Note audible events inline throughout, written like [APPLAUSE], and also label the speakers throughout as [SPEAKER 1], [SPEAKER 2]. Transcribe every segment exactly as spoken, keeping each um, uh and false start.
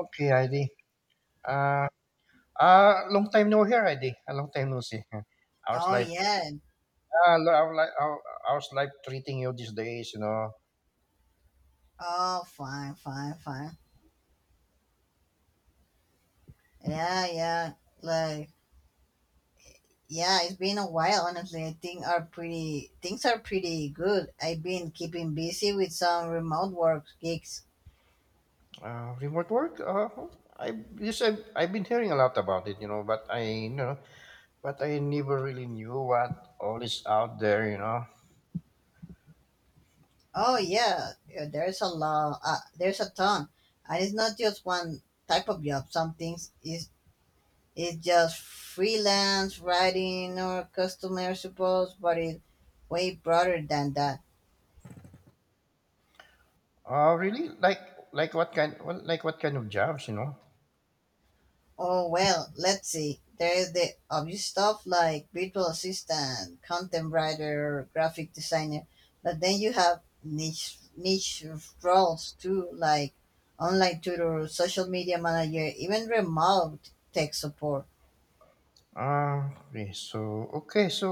[SPEAKER 1] Okay, Heidi. Uh, uh, long time no hear, Heidi. A long time no see. [LAUGHS] How's
[SPEAKER 2] Oh
[SPEAKER 1] life?
[SPEAKER 2] yeah.
[SPEAKER 1] Uh, lo- how, li- how, how's life treating you these days? You know,
[SPEAKER 2] Oh fine, fine, fine. Yeah, yeah. Like yeah, it's been a while honestly. I think are pretty things are pretty good. I've been keeping busy with some remote work gigs.
[SPEAKER 1] uh, remote work. Uh, I Yes, I've, I've been hearing a lot about it. You know, but I you know, but I never really knew what all is out there. You know,
[SPEAKER 2] Oh yeah, yeah, there's a lot. Uh, there's a ton, and it's not just one type of job. Some things is it's just freelance writing or customer support, but it's way broader than that.
[SPEAKER 1] uh, really like like what kind well, like what kind of jobs? You know.
[SPEAKER 2] Oh, well, let's see. There's the obvious stuff like virtual assistant, content writer, graphic designer, but then you have niche niche roles too, like online tutor, social media manager, even remote tech support.
[SPEAKER 1] Uh, okay, so okay, so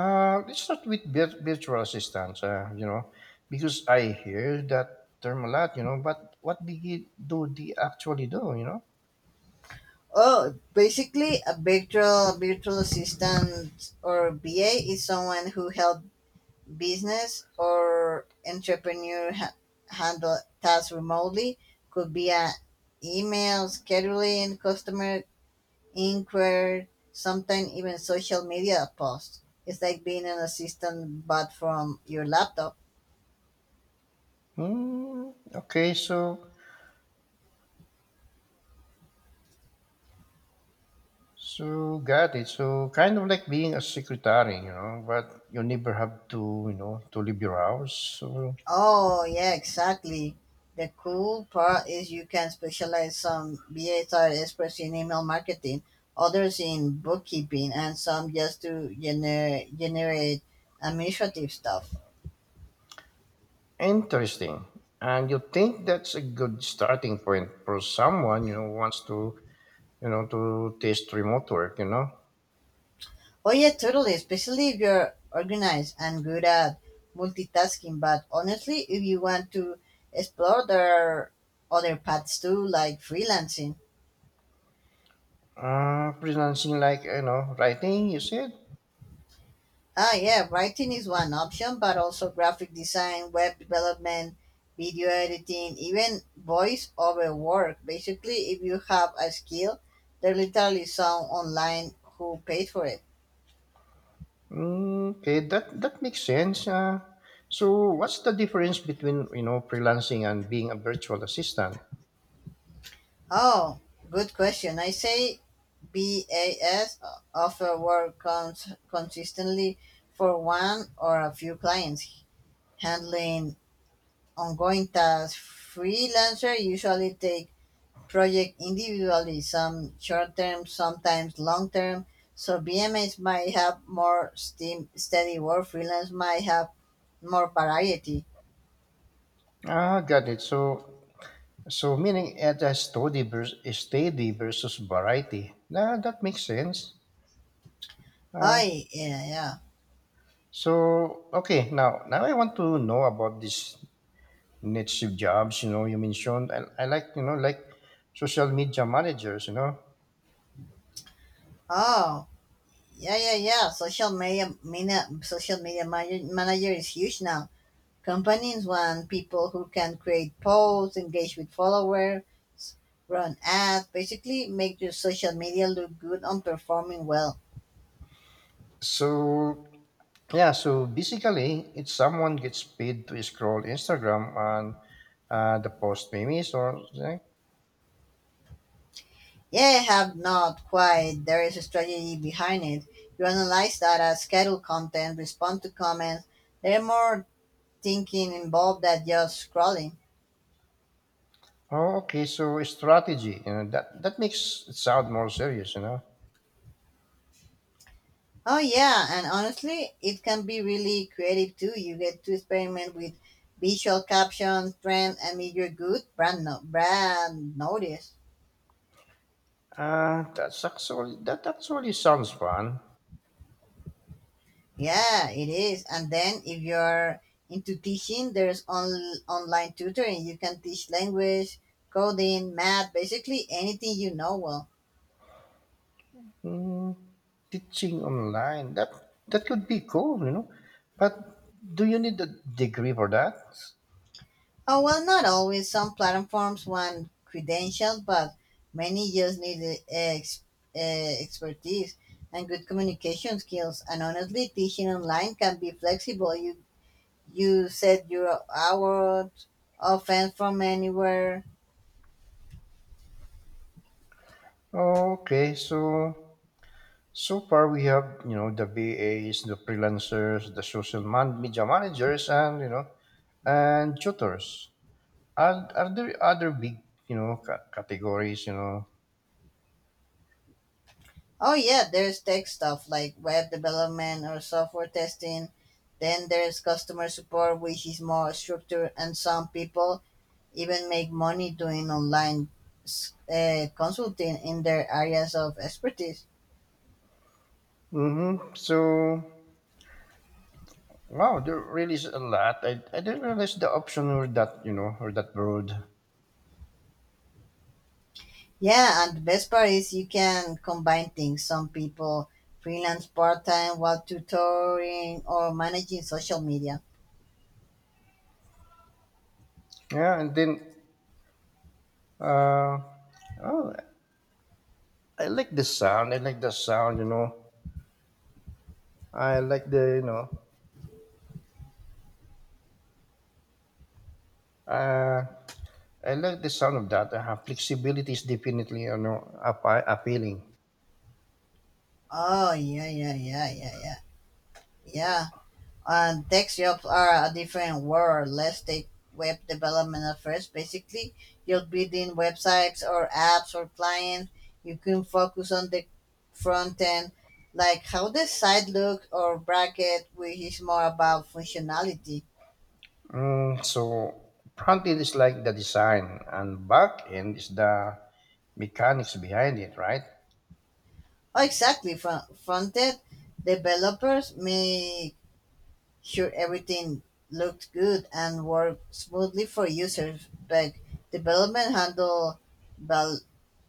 [SPEAKER 1] Uh, let's start with vir- virtual assistants. Uh, you know, because I hear that term a lot. You know, but what do you- do they actually do? You know.
[SPEAKER 2] Oh, basically a virtual virtual assistant or B A is someone who helps business or entrepreneur ha- handle tasks remotely, could be an email scheduling, customer inquiry, sometimes even social media posts. It's like being an assistant but from your laptop.
[SPEAKER 1] Hmm. Okay. So so got it. So kind of like being a secretary. You know, but you never have to. You know, to leave your house. So,
[SPEAKER 2] Oh yeah, exactly. The cool part is you can specialize. Some B As are experts in email marketing, others in bookkeeping, and some just to gener- generate administrative stuff.
[SPEAKER 1] interesting. And you think that's a good starting point for someone, you know wants to, you know to test remote work. You know.
[SPEAKER 2] Oh yeah, totally. Especially if you're organized and good at multitasking. But honestly, if you want to explore, there are other paths too, like freelancing.
[SPEAKER 1] Uh, freelancing, like, you know writing, you said?
[SPEAKER 2] Ah yeah, writing is one option, but also graphic design, web development, video editing, even voice over work. Basically, if you have a skill, there literally some online who paid for it.
[SPEAKER 1] Mm, okay, that that makes sense. Uh, so what's the difference between, you know freelancing and being a virtual assistant?
[SPEAKER 2] Oh, good question. I say B A S offer work cons- consistently for one or a few clients, handling ongoing tasks. Freelancer usually take project individually, some short term, sometimes long term. So B M As might have more steam, steady work. Freelance might have more variety.
[SPEAKER 1] Ah got it. So so meaning, at a steady versus, steady versus variety. Nah, that makes sense. uh,
[SPEAKER 2] Oh, yeah, yeah.
[SPEAKER 1] so, okay, now now I want to know about these niche jobs, you know you mentioned. i, I like, you know like social media managers, you know
[SPEAKER 2] Oh, yeah, yeah, yeah. Social media, media social media manager, manager is huge now. Companies want people who can create posts, engage with followers, run ads, basically make your social media look good on performing well.
[SPEAKER 1] so, yeah, so basically, it's someone gets paid to scroll Instagram and, uh, the post memes, or like,
[SPEAKER 2] Yeah, have not quite. There is a strategy behind it. You analyze data, schedule content, respond to comments. There are more thinking involved than just scrolling.
[SPEAKER 1] oh, okay, so strategy, you know, that that makes it sound more serious, you know.
[SPEAKER 2] Oh yeah, and honestly, it can be really creative too. You get to experiment with visual captions, trend, and if you good, brand no- brand notice.
[SPEAKER 1] Uh, that's actually that actually sounds fun.
[SPEAKER 2] Yeah, it is. And then if you're into teaching, there's on- online tutoring. You can teach language, coding, math, basically anything you know well.
[SPEAKER 1] Mm, Teaching online, that that could be cool, you know. But do you need a degree for that?
[SPEAKER 2] Oh, well, not always. Some platforms want credentials, but many just need uh, ex- uh, expertise and good communication skills. And honestly, teaching online can be flexible. You you set your hours, offense from anywhere.
[SPEAKER 1] Okay, so, so far, we have, you know the V As, the freelancers, the social man- media managers, and, you know, and tutors. Are are there other big, you know ca- categories? You know.
[SPEAKER 2] Oh yeah, there's tech stuff like web development or software testing. Then there's customer support, which is more structured, and some people even make money doing online s- uh, consulting in their areas of expertise.
[SPEAKER 1] Mm-hmm. So, wow, there really is a lot. I, I didn't realize the option, or that, you know or that broad.
[SPEAKER 2] Yeah, and the best part is you can combine things. Some people freelance part time while tutoring or managing social media.
[SPEAKER 1] Yeah, and then, uh oh, I like the sound. I like the sound. You know, I like the you know. Uh, I like the sound of that. Uh, flexibility is definitely, you know, appa- appealing.
[SPEAKER 2] Oh yeah, yeah, yeah, yeah, yeah, yeah. And desktops are a different world. Let's take web development at first. Basically, you're building websites or apps or clients. You can focus on the front end, like how the site looks, or bracket, which is more about functionality.
[SPEAKER 1] Mm, so, front end is like the design, and back end is the mechanics behind it, right?
[SPEAKER 2] Oh, exactly. Front end developers may sure everything looked good and worked smoothly for users, but development handled val-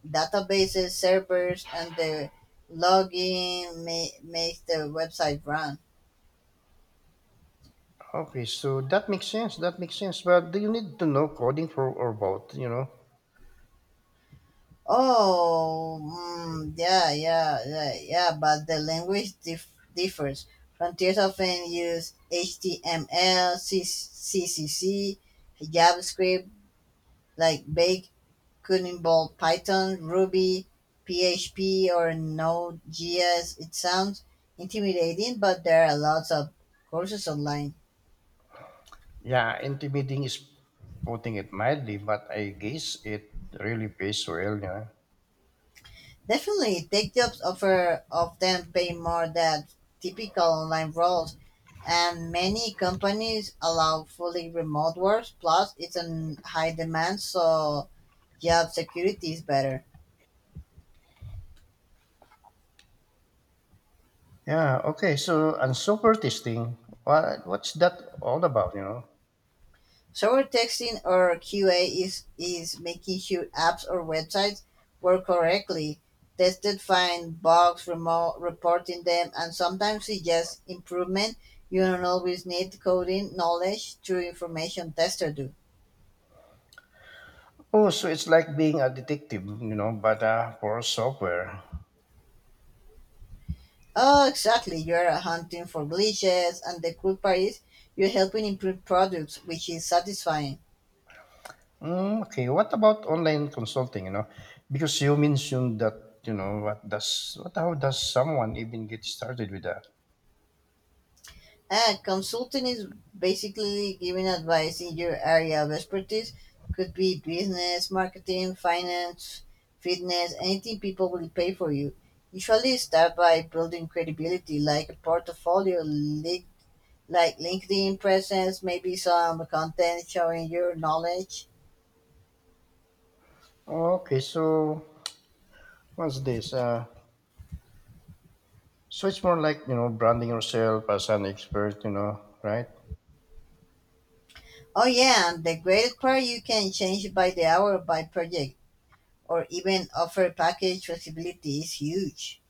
[SPEAKER 2] databases, servers, and the logging ma- makes the website run.
[SPEAKER 1] Okay, so that makes sense. That makes sense. But do you need to know coding for, or both? You know,
[SPEAKER 2] Oh, mm, yeah, yeah, yeah, yeah, but the language dif- differs. Frontiers often use H T M L, C- CCC, JavaScript, like Bake could involve Python, Ruby, P H P, or Node.js. It sounds intimidating, but there are lots of courses online.
[SPEAKER 1] yeah, intimidating is putting it mildly, but I guess it really pays well. Yeah.
[SPEAKER 2] Definitely, tech jobs offer often pay more than typical online roles, and many companies allow fully remote work. Plus, it's in high demand, so job security is better.
[SPEAKER 1] Yeah. Okay. So, and super testing, What what's that all about? You know.
[SPEAKER 2] Short texting or Q A is, is making sure apps or websites work correctly, tested, find bugs, remote, reporting them, and sometimes suggest improvement. You don't always need coding knowledge to information tester do.
[SPEAKER 1] Oh, so it's like being a detective, you know, but, uh, for software.
[SPEAKER 2] Oh, exactly. You're hunting for glitches, and the cool part is you're helping improve products, which is satisfying.
[SPEAKER 1] Mm, okay, what about online consulting? You know, because you mentioned that, you know, what does what, how does someone even get started with that?
[SPEAKER 2] Ah, consulting is basically giving advice in your area of expertise. Could be business, marketing, finance, fitness, anything people will pay for you. Usually start by building credibility, like a portfolio, li- like LinkedIn presence, maybe some content showing your knowledge.
[SPEAKER 1] Okay, so what's this? Uh, so it's more like, you know branding yourself as an expert, you know, right?
[SPEAKER 2] Oh yeah, and the great part you can change by the hour, by project, or even offer package flexibility is huge.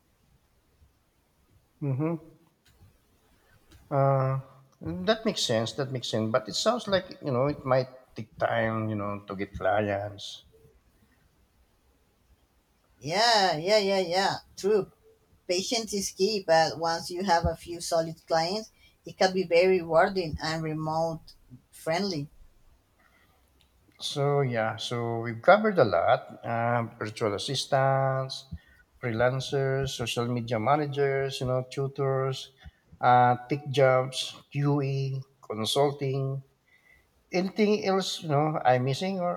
[SPEAKER 1] Mm-hmm. Uh, that makes sense. That makes sense. But it sounds like, you know it might take time, you know, to get clients.
[SPEAKER 2] Yeah, yeah, yeah, yeah. True. Patience is key, but once you have a few solid clients, it can be very rewarding and remote friendly.
[SPEAKER 1] So, yeah, so we've covered a lot: um, virtual assistants, freelancers, social media managers, you know, tutors, uh, tech jobs, Q E, consulting. Anything else, you know, I'm missing, or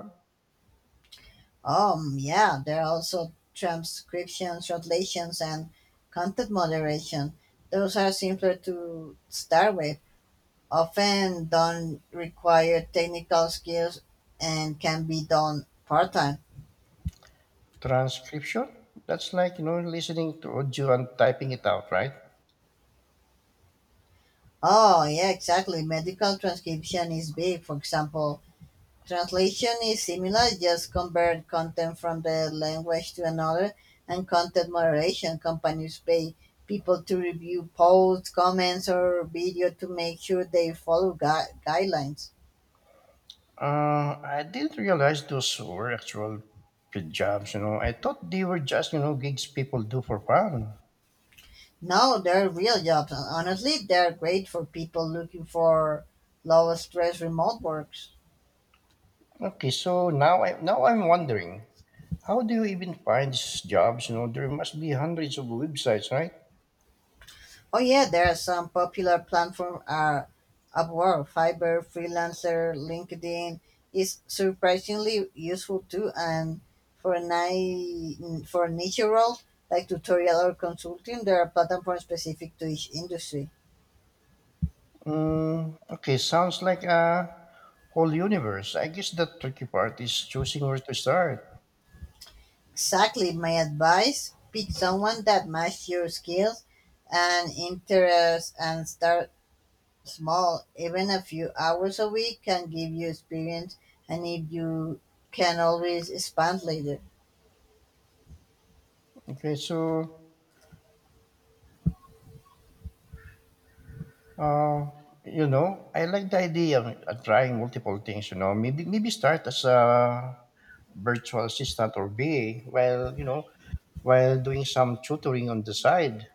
[SPEAKER 2] Um, yeah, there are also transcriptions, translations, and content moderation. Those are simpler to start with, often don't require technical skills, and can be done part time.
[SPEAKER 1] transcription? That's like, you know, listening to audio and typing it out, right?
[SPEAKER 2] Oh, yeah, exactly. Medical transcription is big. For example, translation is similar, just convert content from the language to another, and content moderation companies pay people to review posts, comments, or video to make sure they follow gui- guidelines.
[SPEAKER 1] Uh, I didn't realize those were actual paid jobs. You know, I thought they were just, you know gigs people do for fun.
[SPEAKER 2] No, they're real jobs. Honestly, they're great for people looking for low stress remote work.
[SPEAKER 1] Okay, so now I now I'm wondering, how do you even find these jobs? You know, there must be hundreds of websites, right?
[SPEAKER 2] Oh yeah, there are some popular platforms are Upwork, Fiverr, Freelancer. LinkedIn is surprisingly useful too, and for a ni- for niche roles like tutorial or consulting, there are platforms specific to each industry.
[SPEAKER 1] Mm, okay, sounds like a whole universe. I guess the tricky part is choosing where to start.
[SPEAKER 2] Exactly, my advice: pick someone that matches your skills and interests, and start small. Even a few hours a week can give you experience, and if you can always expand later.
[SPEAKER 1] Okay, so, uh, you know, I like the idea of, uh, trying multiple things. You know, maybe maybe start as a virtual assistant, or V A, while you know while doing some tutoring on the side.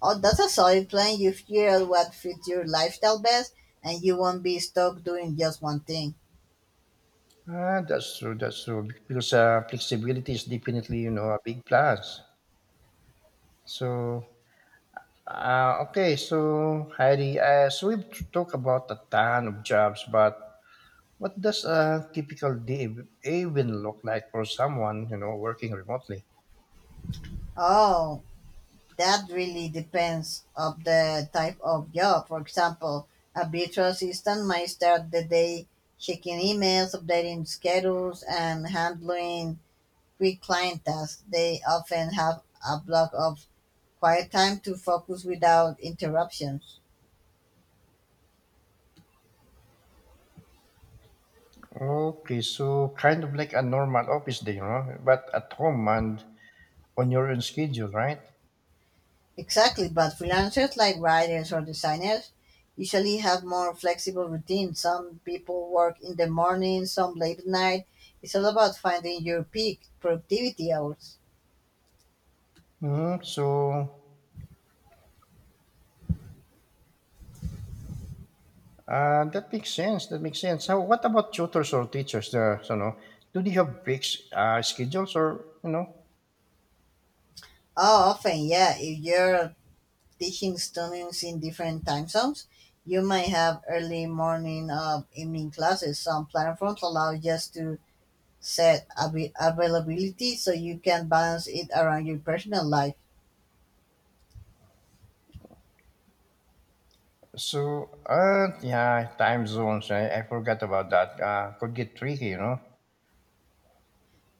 [SPEAKER 2] Oh, that's a solid plan. You figure out what fits your lifestyle best, and you won't be stuck doing just one thing.
[SPEAKER 1] Ah, that's true. That's true. Because, uh, flexibility is definitely, you know a big plus. So, Uh, okay, so, Heidi, as we've talked about a ton of jobs, but what does a typical day even look like for someone, you know, working remotely?
[SPEAKER 2] Oh, that really depends of the type of job. For example, a virtual assistant might start the day checking emails, updating schedules, and handling quick client tasks. They often have a block of quiet time to focus without interruptions.
[SPEAKER 1] Okay, so kind of like a normal office day, you know, but at home and on your own schedule, right?
[SPEAKER 2] Exactly, but freelancers like writers or designers usually have more flexible routines. Some people work in the morning, some late at night. It's all about finding your peak productivity hours.
[SPEAKER 1] hmm So, uh, that makes sense. That makes sense. So what about tutors or teachers there? So, no, do they have fixed, uh, schedules, or, you know,
[SPEAKER 2] Oh, often, yeah, if you're teaching students in different time zones, you might have early morning or evening classes. Some platforms allow just to set abi- availability so you can balance it around your personal life.
[SPEAKER 1] So, uh, Yeah, time zones, I, I forgot about that. Uh, could get tricky, you know.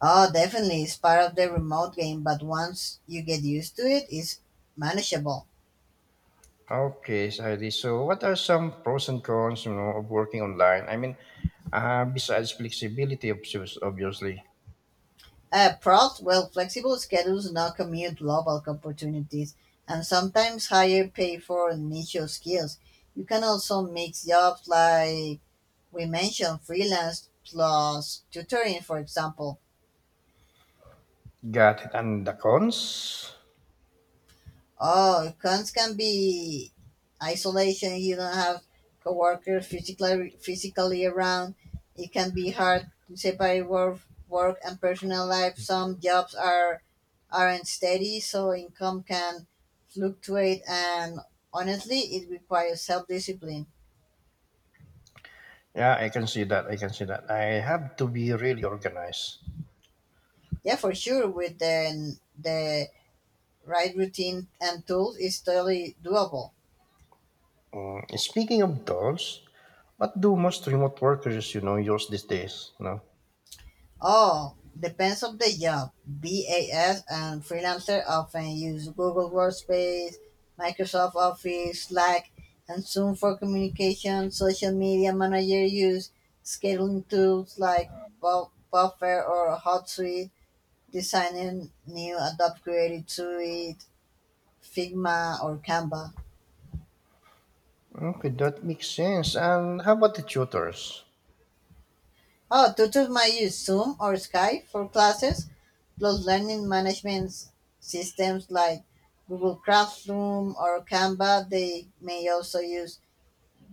[SPEAKER 2] Oh, definitely. It's part of the remote game, but once you get used to it, it's manageable.
[SPEAKER 1] Okay, Saidi. So, what are some pros and cons, you know, of working online? I mean, uh, besides flexibility, obs- obviously.
[SPEAKER 2] Uh, pros, well, flexible schedules, no commute, global opportunities, and sometimes higher pay for niche skills. You can also mix jobs like we mentioned, freelance plus tutoring, for example.
[SPEAKER 1] Got it. And the cons?
[SPEAKER 2] Oh, cons can be isolation. You don't have coworkers physically physically around. It can be hard to separate work work and personal life. Some jobs are aren't steady, so income can fluctuate. And honestly, it requires self discipline.
[SPEAKER 1] Yeah, I can see that. I can see that. I have to be really organized.
[SPEAKER 2] Yeah, for sure. With the the right routine and tools, it's totally doable.
[SPEAKER 1] Mm, speaking of tools, what do most remote workers, you know, use these days? You know?
[SPEAKER 2] Oh, depends on the job. B A S and freelancer often use Google Workspace, Microsoft Office, Slack, and Zoom for communication. Social media manager use scheduling tools like Bu- Buffer or HotSuite, designing new Adobe Creative Suite, Figma, or Canva.
[SPEAKER 1] Okay, that makes sense. And how about the tutors?
[SPEAKER 2] Oh, tutors might use Zoom or Skype for classes. Plus, learning management s- systems like Google Classroom or Canva. They may also use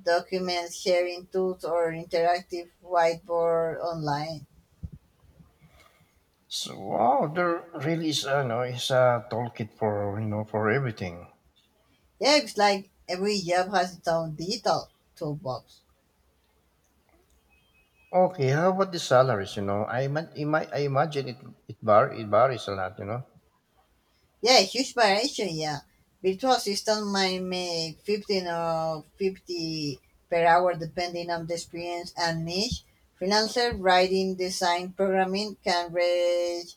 [SPEAKER 2] document sharing tools or interactive whiteboard online.
[SPEAKER 1] So, wow, there really is ano is a toolkit for, you know for everything.
[SPEAKER 2] Yeah, it's like every job has its own digital toolbox.
[SPEAKER 1] Okay, how about the salaries? You know, I ima- ima- I imagine it it var- it varies a lot. You know.
[SPEAKER 2] Yeah, huge variation, yeah. Virtual assistant might make fifteen or fifty per hour depending on the experience and niche. Freelancer writing, design, programming can reach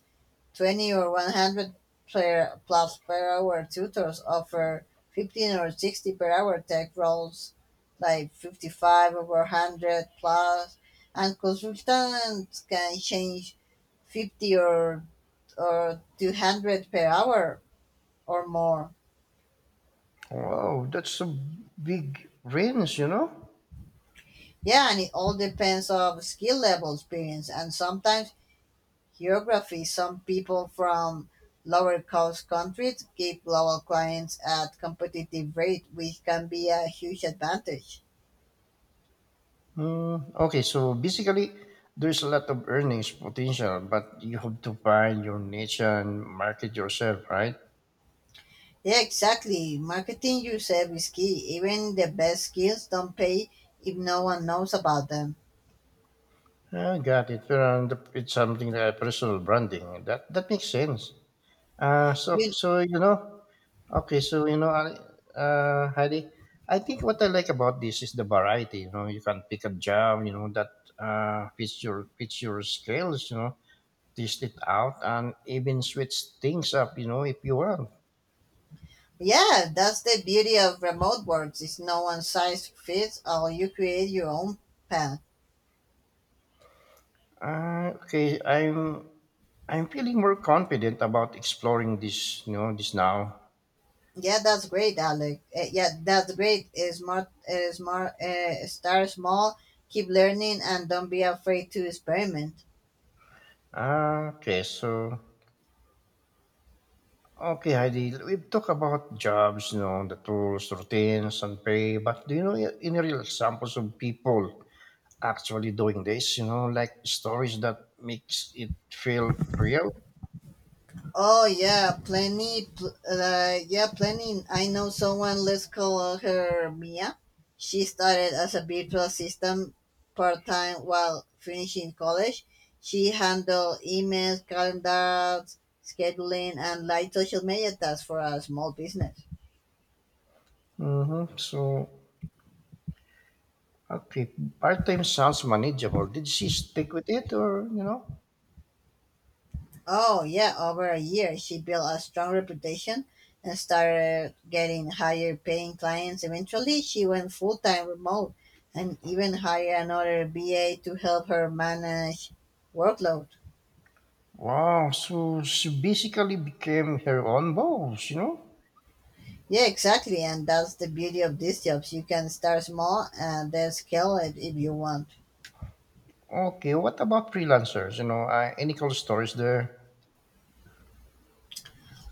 [SPEAKER 2] twenty or one hundred plus player plus per hour. Tutors offer fifteen or sixty per hour. Tech roles, like fifty-five over one hundred plus, and consultants can change fifty or or two hundred per hour or more.
[SPEAKER 1] Wow, that's a big range. You know.
[SPEAKER 2] Yeah, and it all depends of skill level, experience, and sometimes geography. Some people from lower cost countries keep local clients at competitive rate, which can be a huge advantage.
[SPEAKER 1] Mm, okay, so basically, there's a lot of earnings potential, but you have to find your niche and market yourself, right?
[SPEAKER 2] Yeah, exactly. Marketing yourself is key. Even the best skills don't pay if no one knows about them.
[SPEAKER 1] I got it. Well, and it's something like personal branding. That that makes sense. Uh, so
[SPEAKER 2] You,
[SPEAKER 1] so you know, okay, so you know, I- uh, Heidi, I think what I like about this is the variety. You know, you can pick a job, you know, that, uh, fits your fits your skills. You know, test it out and even switch things up. You know, if you want.
[SPEAKER 2] yeah, that's the beauty of remote works. It's no one size fits all. You create your own path.
[SPEAKER 1] Uh, okay, I'm I'm feeling more confident about exploring this. You know, this now.
[SPEAKER 2] Yeah, that's great, Alec. Eh, yeah, that's great. Eh, Smart, uh, smart, uh, start small, keep learning, and don't be afraid to experiment.
[SPEAKER 1] Uh, okay, so Okay, Heidi, we've talked about jobs, you know, the tools, routines, and pay, but do you know any real examples of people actually doing this, you know, like stories that makes it feel real?
[SPEAKER 2] Oh yeah, plenty. Pl- uh, yeah, plenty. I know someone. Let's call her Mia. She started as a virtual assistant part time while finishing college. She handled emails, calendars, scheduling, and light social media tasks for a small business.
[SPEAKER 1] Mm-hmm. So, okay, part-time sounds manageable. Did she stick with it, or, you know?
[SPEAKER 2] Oh, yeah, over a year, she built a strong reputation and started getting higher paying clients. Eventually, she went full time remote and even hired another B A to help her manage workload.
[SPEAKER 1] Wow, so she basically became her own boss, you know?
[SPEAKER 2] Yeah, exactly. And that's the beauty of these jobs. You can start small and then scale it if you want.
[SPEAKER 1] Okay, what about freelancers? You know, uh, any cool stories there?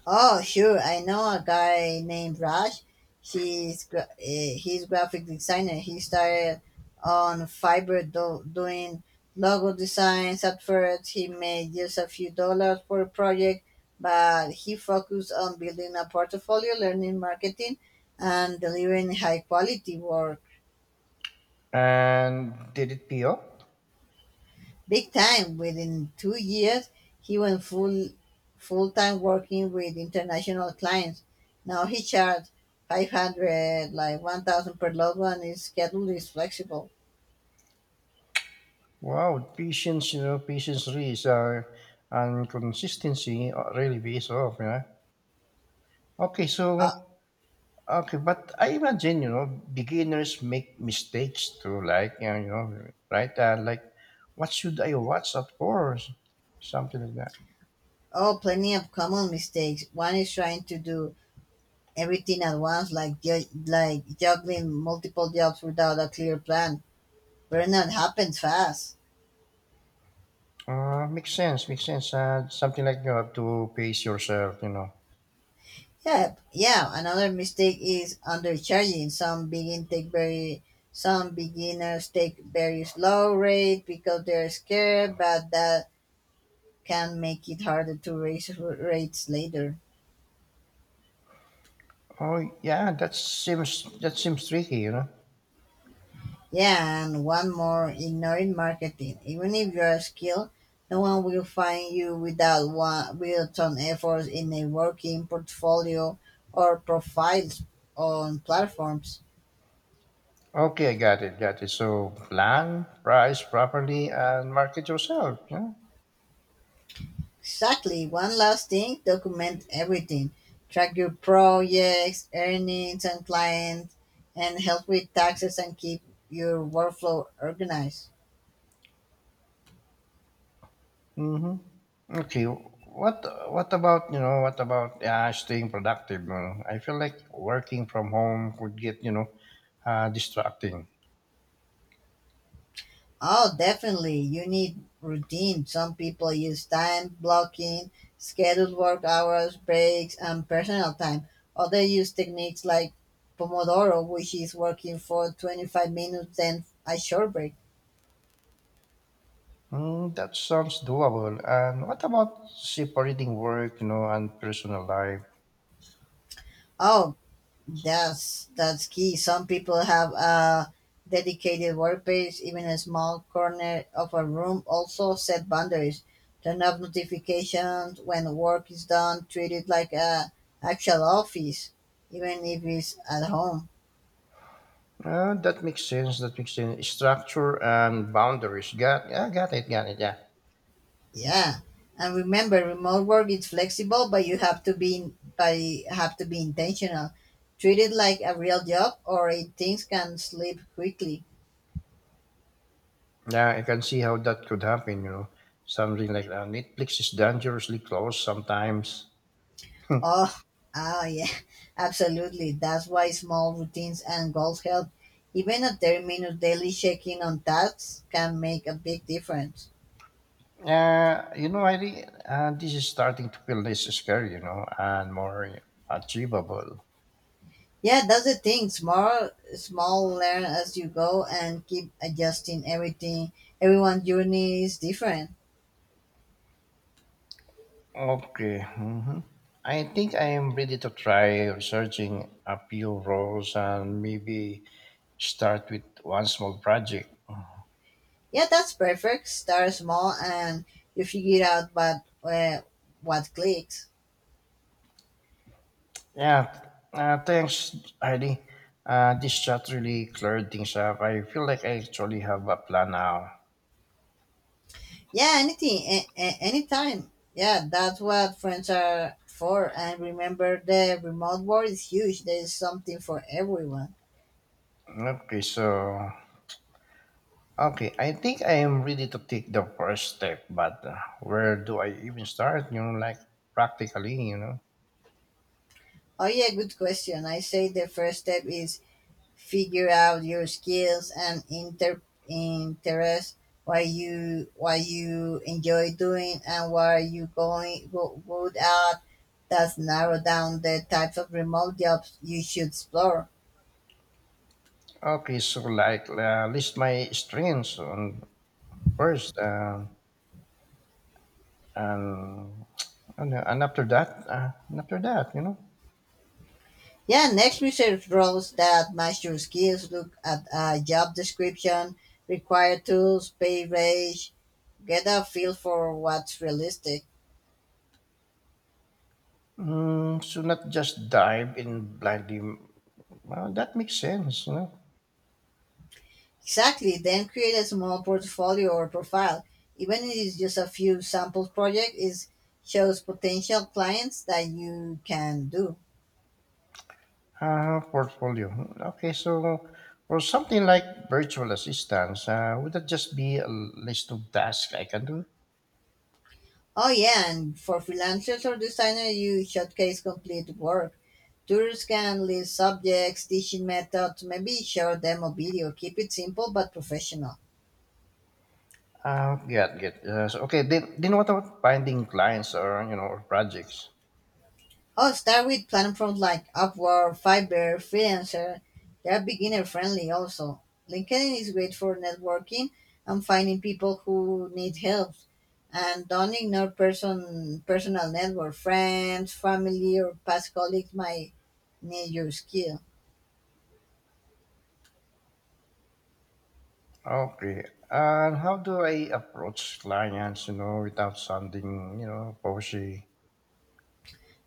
[SPEAKER 2] Oh, sure. I know a guy named Raj. He's gra- eh, he's graphic designer. He started on Fiverr do- doing logo designs. At first, he made just a few dollars per project, but he focused on building a portfolio, learning marketing, and delivering high quality work.
[SPEAKER 1] And did it pay off?
[SPEAKER 2] Big time. Within two years, he went full full time working with international clients. Now he charges five hundred, like one thousand per load. One his schedule is flexible.
[SPEAKER 1] Wow, patience, you know, patience really is, uh, and consistency, uh, really pays off, yeah. Okay,
[SPEAKER 2] Uh,
[SPEAKER 1] so, okay, but I imagine, you know, beginners make mistakes too, like, you know, right? Uh, like, what should I watch at first? Something like that.
[SPEAKER 2] oh, plenty of common mistakes. One is trying to do everything at once, like ju- like juggling multiple jobs without a clear plan. Burnout happens fast.
[SPEAKER 1] Uh, makes sense, makes sense. Uh, something like you have to pace yourself, you know.
[SPEAKER 2] Yeah, yeah. Another mistake is undercharging. Some begin take very some beginners take very slow rate because they're scared, but that can make it harder to raise r- rates later.
[SPEAKER 1] Oh, yeah, that seems, that seems tricky, you know.
[SPEAKER 2] Yeah, and one more, ignoring marketing. Even if you are skilled, no one will find you without one built-on efforts in a working portfolio or profiles on platforms.
[SPEAKER 1] Okay, I got it, got it. So, plan, price properly, and market yourself. Yeah.
[SPEAKER 2] Exactly. One last thing, document everything. Track your projects, earnings, and clients, and help with taxes and keep your workflow organized.
[SPEAKER 1] Mm-hmm. Okay. What What about you know? What about uh, staying productive? You know? I feel like working from home could get, you know uh, distracting.
[SPEAKER 2] Oh, definitely. You need routine. Some people use time blocking, scheduled work hours, breaks, and personal time. Others use techniques like Pomodoro, which is working for twenty-five minutes, then a short break.
[SPEAKER 1] Mm, that sounds doable. And what about separating work, you know, and personal life?
[SPEAKER 2] Oh, That's that's key. Some people have a dedicated workplace, even a small corner of a room. Also, set boundaries. Turn off notifications when work is done. Treat it like a actual office, even if it's at home.
[SPEAKER 1] Uh, that makes sense. That makes sense. Structure and boundaries. Got Yeah, got it, got it. Yeah.
[SPEAKER 2] Yeah, and remember, remote work is flexible, but you have to be by have to be intentional. Treat it like a real job, or it, things can slip quickly.
[SPEAKER 1] Yeah, I can see how that could happen, you know. Something like that. Netflix is dangerously close sometimes.
[SPEAKER 2] Oh, ah, yeah, [LAUGHS] absolutely. That's why small routines and goals help. Even a thirty minute daily check in on tasks can make a big difference.
[SPEAKER 1] Yeah, you know, I re- uh, this is starting to feel less scary, you know, and more achievable.
[SPEAKER 2] Yeah, that's the thing. Small, small learn as you go and keep adjusting everything. Everyone's journey is different.
[SPEAKER 1] Okay. hmm I think I am ready to try researching a few roles, and maybe start with one small project.
[SPEAKER 2] Yeah, that's perfect. Start small and you figure out what, uh, what clicks.
[SPEAKER 1] Yeah, uh, thanks, Heidi. Uh, this chat really cleared things up. I feel like I actually have a plan now.
[SPEAKER 2] Yeah, anything, a- a- anytime. Yeah, that's what friends are for. And remember, the remote world is huge. There is something for everyone.
[SPEAKER 1] Okay, so okay, I think I am ready to take the first step, but, uh, where do I even start? You know, like practically, you know.
[SPEAKER 2] Oh yeah, good question. I say the first step is figure out your skills and inter interests, what you what you enjoy doing, and what are you going go, good at. That's narrow down the types of remote jobs you should explore.
[SPEAKER 1] Okay, so like, uh, list my strengths on first, um and, and, uh, and after that, uh, and after that, you know.
[SPEAKER 2] Yeah, next research roles that match your skills look at a job description, required tools, pay range, get a feel for what's realistic.
[SPEAKER 1] Mm, so, not just dive in blindly. Well, that makes sense, you know.
[SPEAKER 2] Exactly, then create a small portfolio or profile. Even if it's just a few sample projects, it shows potential clients that you can do.
[SPEAKER 1] Uh, portfolio. Okay, so, for something like virtual assistants, uh, would that just be a list of tasks I can do?
[SPEAKER 2] Oh yeah, and for freelancers or designers, you showcase complete work. Tourists can list subjects, teaching methods, maybe share demo video. Keep it simple but professional.
[SPEAKER 1] Uh, yeah, get. Uh, so, okay, then, then what about finding clients, or, you know or projects?
[SPEAKER 2] Oh, start with platforms like Upwork, Fiverr, Freelancer. They are beginner friendly also. LinkedIn is great for networking and finding people who need help. And don't ignore person personal network. Friends, family, or past colleagues might need your skill.
[SPEAKER 1] Okay, and how do I approach clients, you know, without sounding, you know pushy?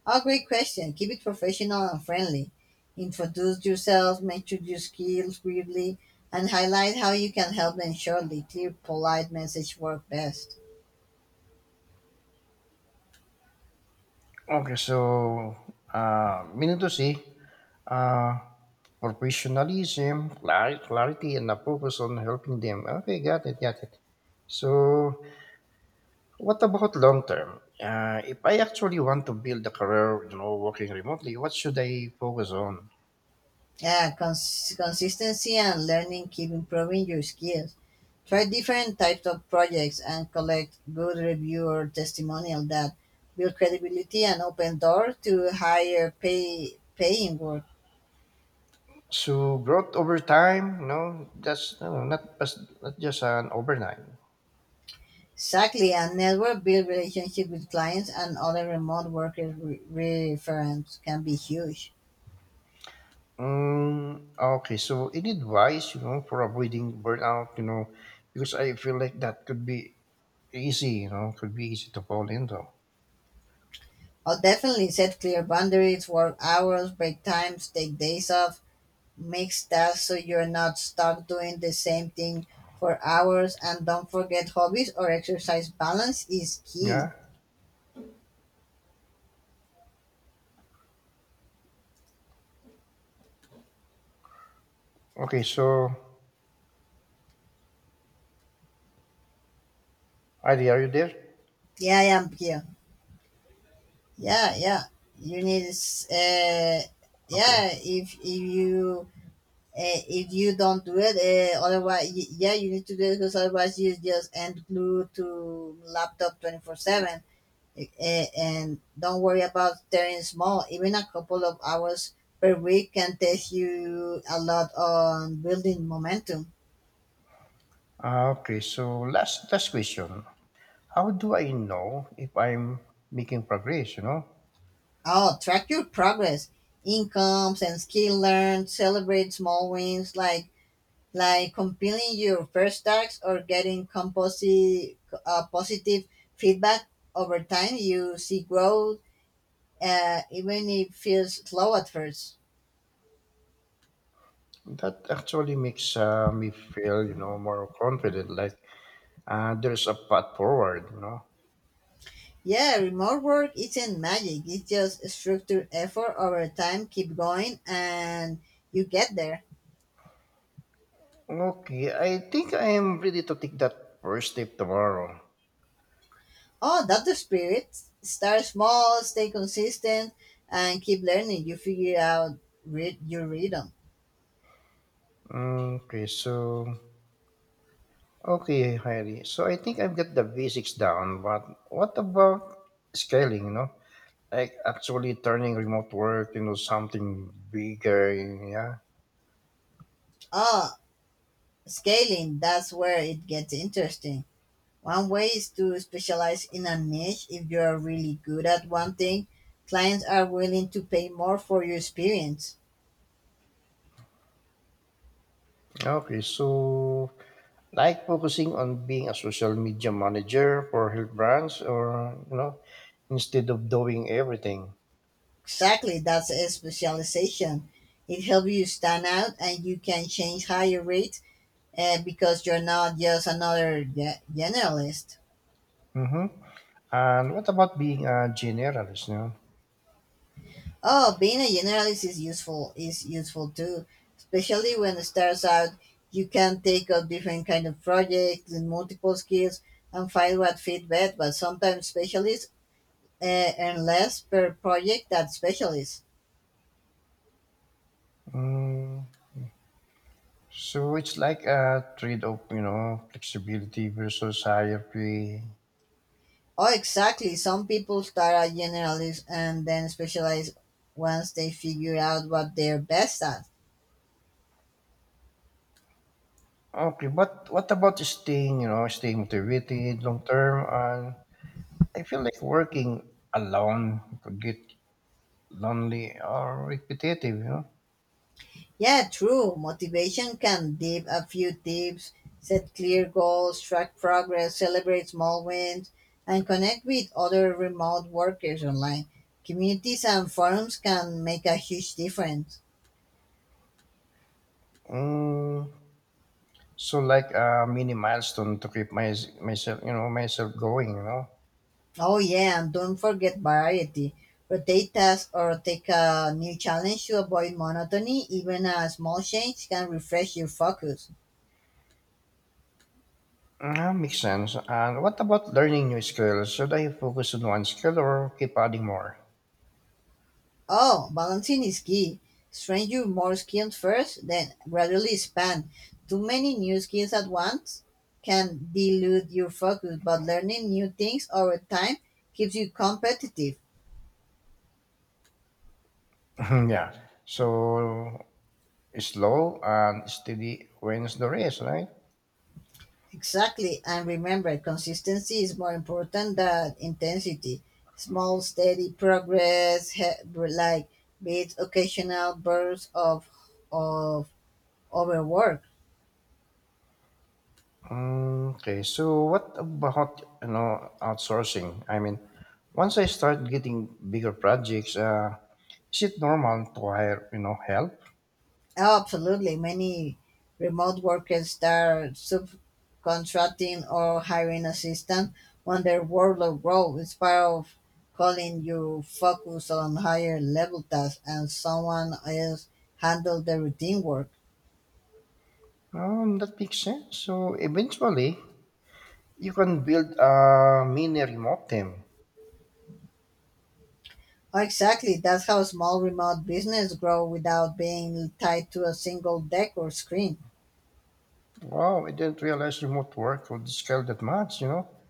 [SPEAKER 2] Oh, great question. Keep it professional and friendly. Introduce yourself, mention your skills briefly, and highlight how you can help them shortly. Clear, polite message work best.
[SPEAKER 1] Okay, so, uh, meaning to say, uh, professionalism, clar- clarity, and a focus on helping them. Okay, got it, got it. So, what about long term? Uh, if I actually want to build a career, you know, working remotely, what should I focus on?
[SPEAKER 2] Yeah, cons- consistency and learning keep improving your skills. Try different types of projects and collect good review or testimonial that build credibility and open doors to higher pay paying work.
[SPEAKER 1] So, growth over time. No, that's you not, just- not just an overnight.
[SPEAKER 2] Exactly, and network build relationship with clients and other remote workers re- reference can be huge.
[SPEAKER 1] Um, okay, so any advice, you know, for avoiding burnout, you know, because I feel like that could be easy, you know, could be easy to fall into.
[SPEAKER 2] I'll definitely set clear boundaries, work hours, break times, take days off, mix tasks so you're not stuck doing the same thing for hours, and don't forget hobbies or exercise. Balance is key.
[SPEAKER 1] Yeah. Okay, so, Heidi, are you there?
[SPEAKER 2] Yeah, I am here. Yeah, yeah. You need, s- uh,
[SPEAKER 1] Okay.
[SPEAKER 2] yeah, if, if you eh, If you don't do it, eh, otherwise, y- yeah, you need to do it because otherwise you just end glued to laptop twenty-four seven. Eh, And don't worry about staring small. Even a couple of hours per week can teach you a lot on building momentum.
[SPEAKER 1] Uh, okay, so last last question. How do I know if I'm making progress, you know?
[SPEAKER 2] Oh, track your progress, incomes, and skill learned. Celebrate small wins like like compiling your first tasks or getting composi- uh, positive feedback over time you see growth uh, even if it feels slow at first.
[SPEAKER 1] That actually makes uh, me feel, you know, more confident, like uh, there's a path forward, you know.
[SPEAKER 2] Yeah, remote work isn't magic. It's just structured effort over time. Keep going and you get there.
[SPEAKER 1] Okay, I think I am ready to take that first step tomorrow.
[SPEAKER 2] Oh, that's the spirit. Start small, stay consistent, and keep learning. You figure out, read your rhythm.
[SPEAKER 1] Mm, okay, so okay, Heidi. So I think I've got the basics down, but what about scaling, you know? Like actually turning remote work into something bigger, yeah.
[SPEAKER 2] Oh, scaling, that's where it gets interesting. One way is to specialize in a niche. If you are really good at one thing, clients are willing to pay more for your experience.
[SPEAKER 1] Okay, so like focusing on being a social media manager for health brands or, you know, instead of doing everything.
[SPEAKER 2] Exactly, that's a specialization. It helps you stand out and you can change higher rates uh, because you're not just another ge- generalist.
[SPEAKER 1] Mm-hmm. And what about being a generalist, you know?
[SPEAKER 2] Oh, being a generalist is useful is useful too, especially when it starts out. You can take up different kind of projects and multiple skills and find what fit best. But sometimes specialists eh, and less per project than specialists.
[SPEAKER 1] Mm, so it's like a trade off, you know, flexibility versus higher pay.
[SPEAKER 2] Oh, exactly. Some people start as generalists and then specialize once they figure out what they're best at.
[SPEAKER 1] Okay, but what about staying, you know, staying motivated long term? And I feel like working alone could get lonely or repetitive, you know.
[SPEAKER 2] Yeah, true. Motivation can dip a few tips, set clear goals, track progress, celebrate small wins, and connect with other remote workers online. Communities and forums can make a huge difference.
[SPEAKER 1] Mm, so like a mini milestone to keep my, myself, you know, myself going, you know.
[SPEAKER 2] Oh yeah, and don't forget variety. Rotate tasks or take a new challenge to avoid monotony. Even a small change can refresh your focus.
[SPEAKER 1] Ah, makes sense. And what about learning new skills? Should I focus on one skill or keep adding more?
[SPEAKER 2] Oh, balancing is key. Train your more skills first, then gradually expand. Too many new skills at once can dilute your focus, but learning new things over time keeps you competitive.
[SPEAKER 1] [LAUGHS] Yeah. So slow and steady wins the race, right?
[SPEAKER 2] Exactly. And remember, consistency is more important than intensity. Small, steady progress, he- like beats occasional bursts of, of overwork.
[SPEAKER 1] Mm, okay, so what about, you know, outsourcing? I mean, once I start getting bigger projects, uh, is it normal to hire, you know, help?
[SPEAKER 2] Oh, absolutely. Many remote workers start subcontracting or hiring assistants when their workload grows. It's part of calling you focus on higher level tasks and someone else handle the routine work.
[SPEAKER 1] Um, that makes sense. So eventually, you can build a mini remote team.
[SPEAKER 2] Oh, exactly. That's how small remote business grow without being tied to a single deck or screen.
[SPEAKER 1] Wow, I didn't realize remote work would scale that much. You know,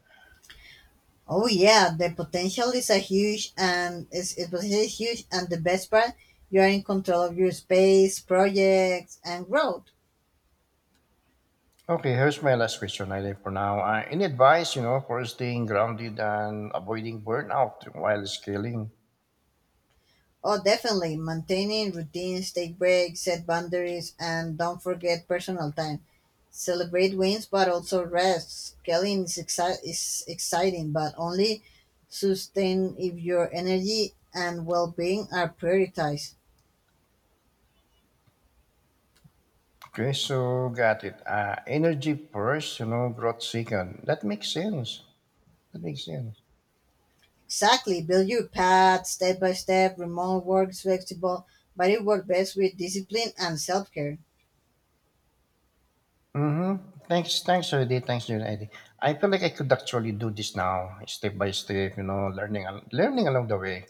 [SPEAKER 2] Oh yeah, the potential is a huge and is it was huge, and the best part, you are in control of your space, projects and growth.
[SPEAKER 1] okay, here's my last question, I think, for now. Uh, any advice, you know, for staying grounded and avoiding burnout while scaling?
[SPEAKER 2] Oh, definitely. Maintaining routines, take breaks, set boundaries, and don't forget personal time. Celebrate wins, but also rest. Scaling is, exci- is exciting, but only sustain if your energy and well being are prioritized.
[SPEAKER 1] Okay, so got it. Uh, energy first, you know, growth second. That makes sense. That makes sense.
[SPEAKER 2] Exactly. Build your path step by step. Remote work is flexible, but it works best with discipline and self care.
[SPEAKER 1] Mm-hmm. Thanks, thanks, Eddie. Thanks, Eddie. I feel like I could actually do this now, step by step, you know, learning, al- learning along the way.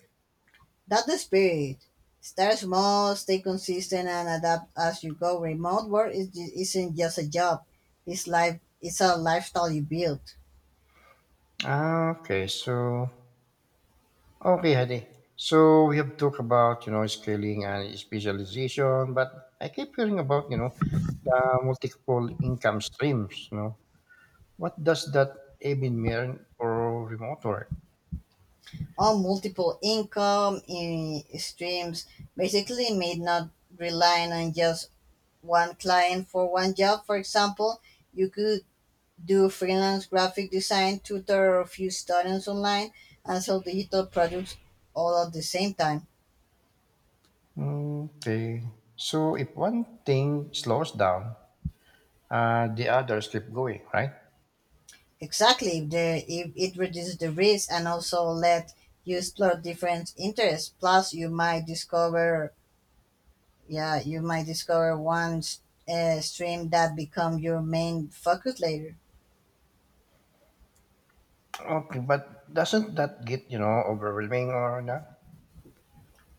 [SPEAKER 2] That's the spirit. Start small, stay consistent, and adapt as you go. Remote work is, isn't just a job; it's life. It's a lifestyle you build
[SPEAKER 1] Ah, okay, so okay, Hadi. So we have talked about, you know, scaling and specialization, but I keep hearing about, you know, the multiple income streams. You know, what does that even mean for remote work?
[SPEAKER 2] on multiple income in streams. Basically, made not relying on just one client for one job. For example, you could do freelance graphic design, tutor a few students online, and sell digital products all at the same time.
[SPEAKER 1] Okay, so if one thing slows down, uh, the others keep going, right?
[SPEAKER 2] Exactly. The, if it reduces the risk and also let you explore different interests. Plus, you might discover, yeah, you might discover one s- uh, stream that become your main focus later.
[SPEAKER 1] Okay, but doesn't that get, you know, overwhelming or not?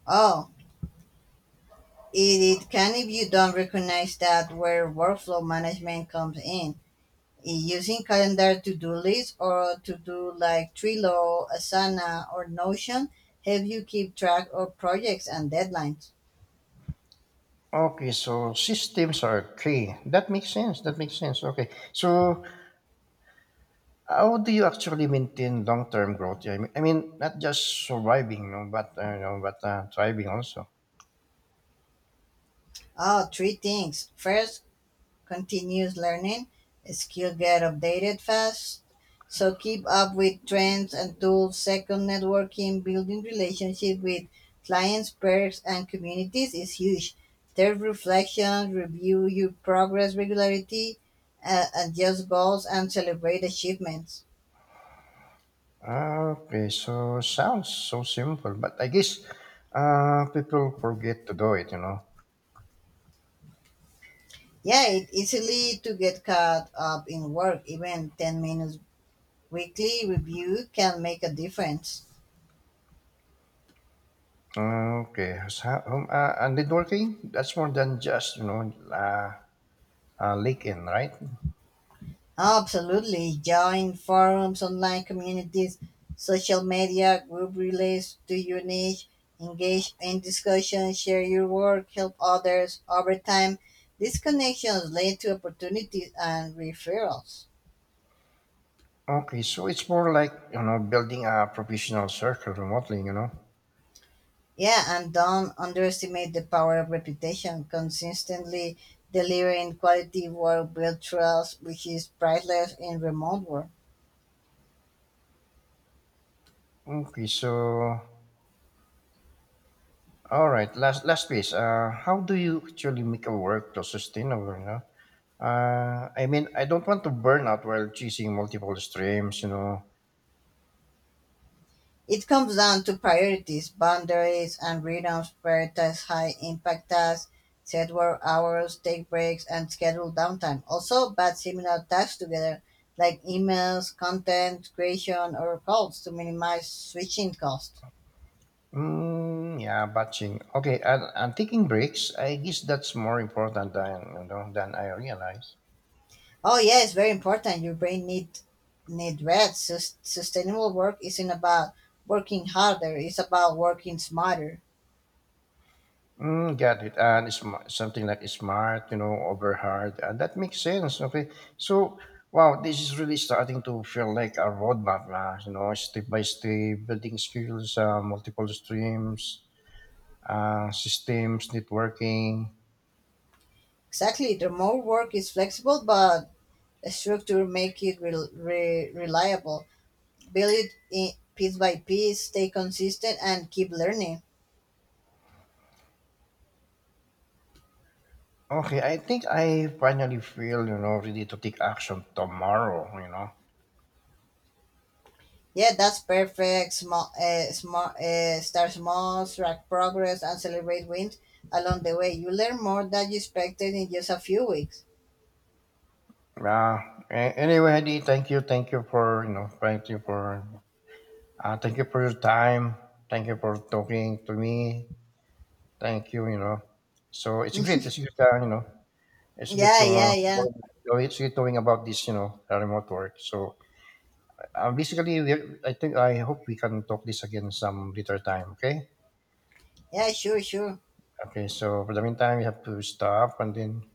[SPEAKER 2] Oh, it, it can if you don't recognize that where workflow management comes in. In Using calendar to-do lists or to-do like Trello, Asana, or Notion help you keep track of projects and deadlines.
[SPEAKER 1] Okay, so systems are key. That makes sense. That makes sense. Okay, so how do you actually maintain long term growth? I mean, I mean, not just surviving, no, but uh, you know, but uh, thriving also.
[SPEAKER 2] Oh, three things. First, continuous learning, skills get updated fast, so keep up with trends and tools. Second, networking, building relationship with clients, peers and communities is huge. Third, reflection, review your progress regularity, uh, adjust goals and celebrate achievements.
[SPEAKER 1] Ah, okay, so sounds so simple, but I guess uh, people forget to do it. You know.
[SPEAKER 2] Yeah, it easily to get caught up in work. Even ten minutes weekly review can make a difference.
[SPEAKER 1] Ah, okay, so, um, uh, and networking, that's more than just, you know, uh, uh, LinkedIn, right?
[SPEAKER 2] Absolutely. Join forums, online communities, social media, group relays to your niche, engage in discussion, share your work, help others. Over time, these connections lead to opportunities and referrals.
[SPEAKER 1] Okay, so it's more like, you know, building a professional circle remotely. You know.
[SPEAKER 2] Yeah, and don't underestimate the power of reputation. Consistently delivering quality work builds trust, which is priceless in remote work.
[SPEAKER 1] Okay, so all right, last last piece. Uh, how do you actually make a workflow sustainable? You know, uh, I mean, I don't want to burn out while chasing multiple streams. You know,
[SPEAKER 2] It comes down to priorities, boundaries, and rhythms. Prioritize high impact tasks, set work hours, take breaks, and schedule downtime. Also, batch similar tasks together, like emails, content creation, or calls to minimize switching costs.
[SPEAKER 1] mm, yeah, batching. Okay, and, and taking breaks. I guess that's more important than, you know, than I realize.
[SPEAKER 2] Oh, yeah, it's very important. Your brain need need rest. Sus- sustainable work isn't about working harder; it's about working smarter.
[SPEAKER 1] Mm, got it. And it's sm- something like smart, you know, over hard. And that makes sense. Okay. So, wow, this is really starting to feel like a roadmap, uh, you know, step by step, building skills, uh, multiple streams, uh, systems, networking.
[SPEAKER 2] Exactly. The more work is flexible, but a structure make it rel re- reliable. Build it in piece by piece, stay consistent and keep learning.
[SPEAKER 1] Okay. I think I finally feel, you know, ready to take action tomorrow, you know.
[SPEAKER 2] Yeah, that's perfect. Small uh, small uh, Start small, track progress and celebrate wins along the way. You learn more than you expected in just a few weeks.
[SPEAKER 1] Yeah. A- anyway, Hadi, thank you. Thank you for, you know, thank you for, uh, thank you for your time. Thank you for talking to me. Thank you, you know. So it's great. It's
[SPEAKER 2] [LAUGHS]
[SPEAKER 1] great uh, you know, it's great
[SPEAKER 2] Yeah,
[SPEAKER 1] to uh,
[SPEAKER 2] yeah, yeah.
[SPEAKER 1] know- it's great knowing about this, you know, uh, remote work. So uh, basically, we're, I think I hope we can talk this again some later time. Okay.
[SPEAKER 2] Yeah, sure, sure.
[SPEAKER 1] Okay. So for the meantime, we have to stop and then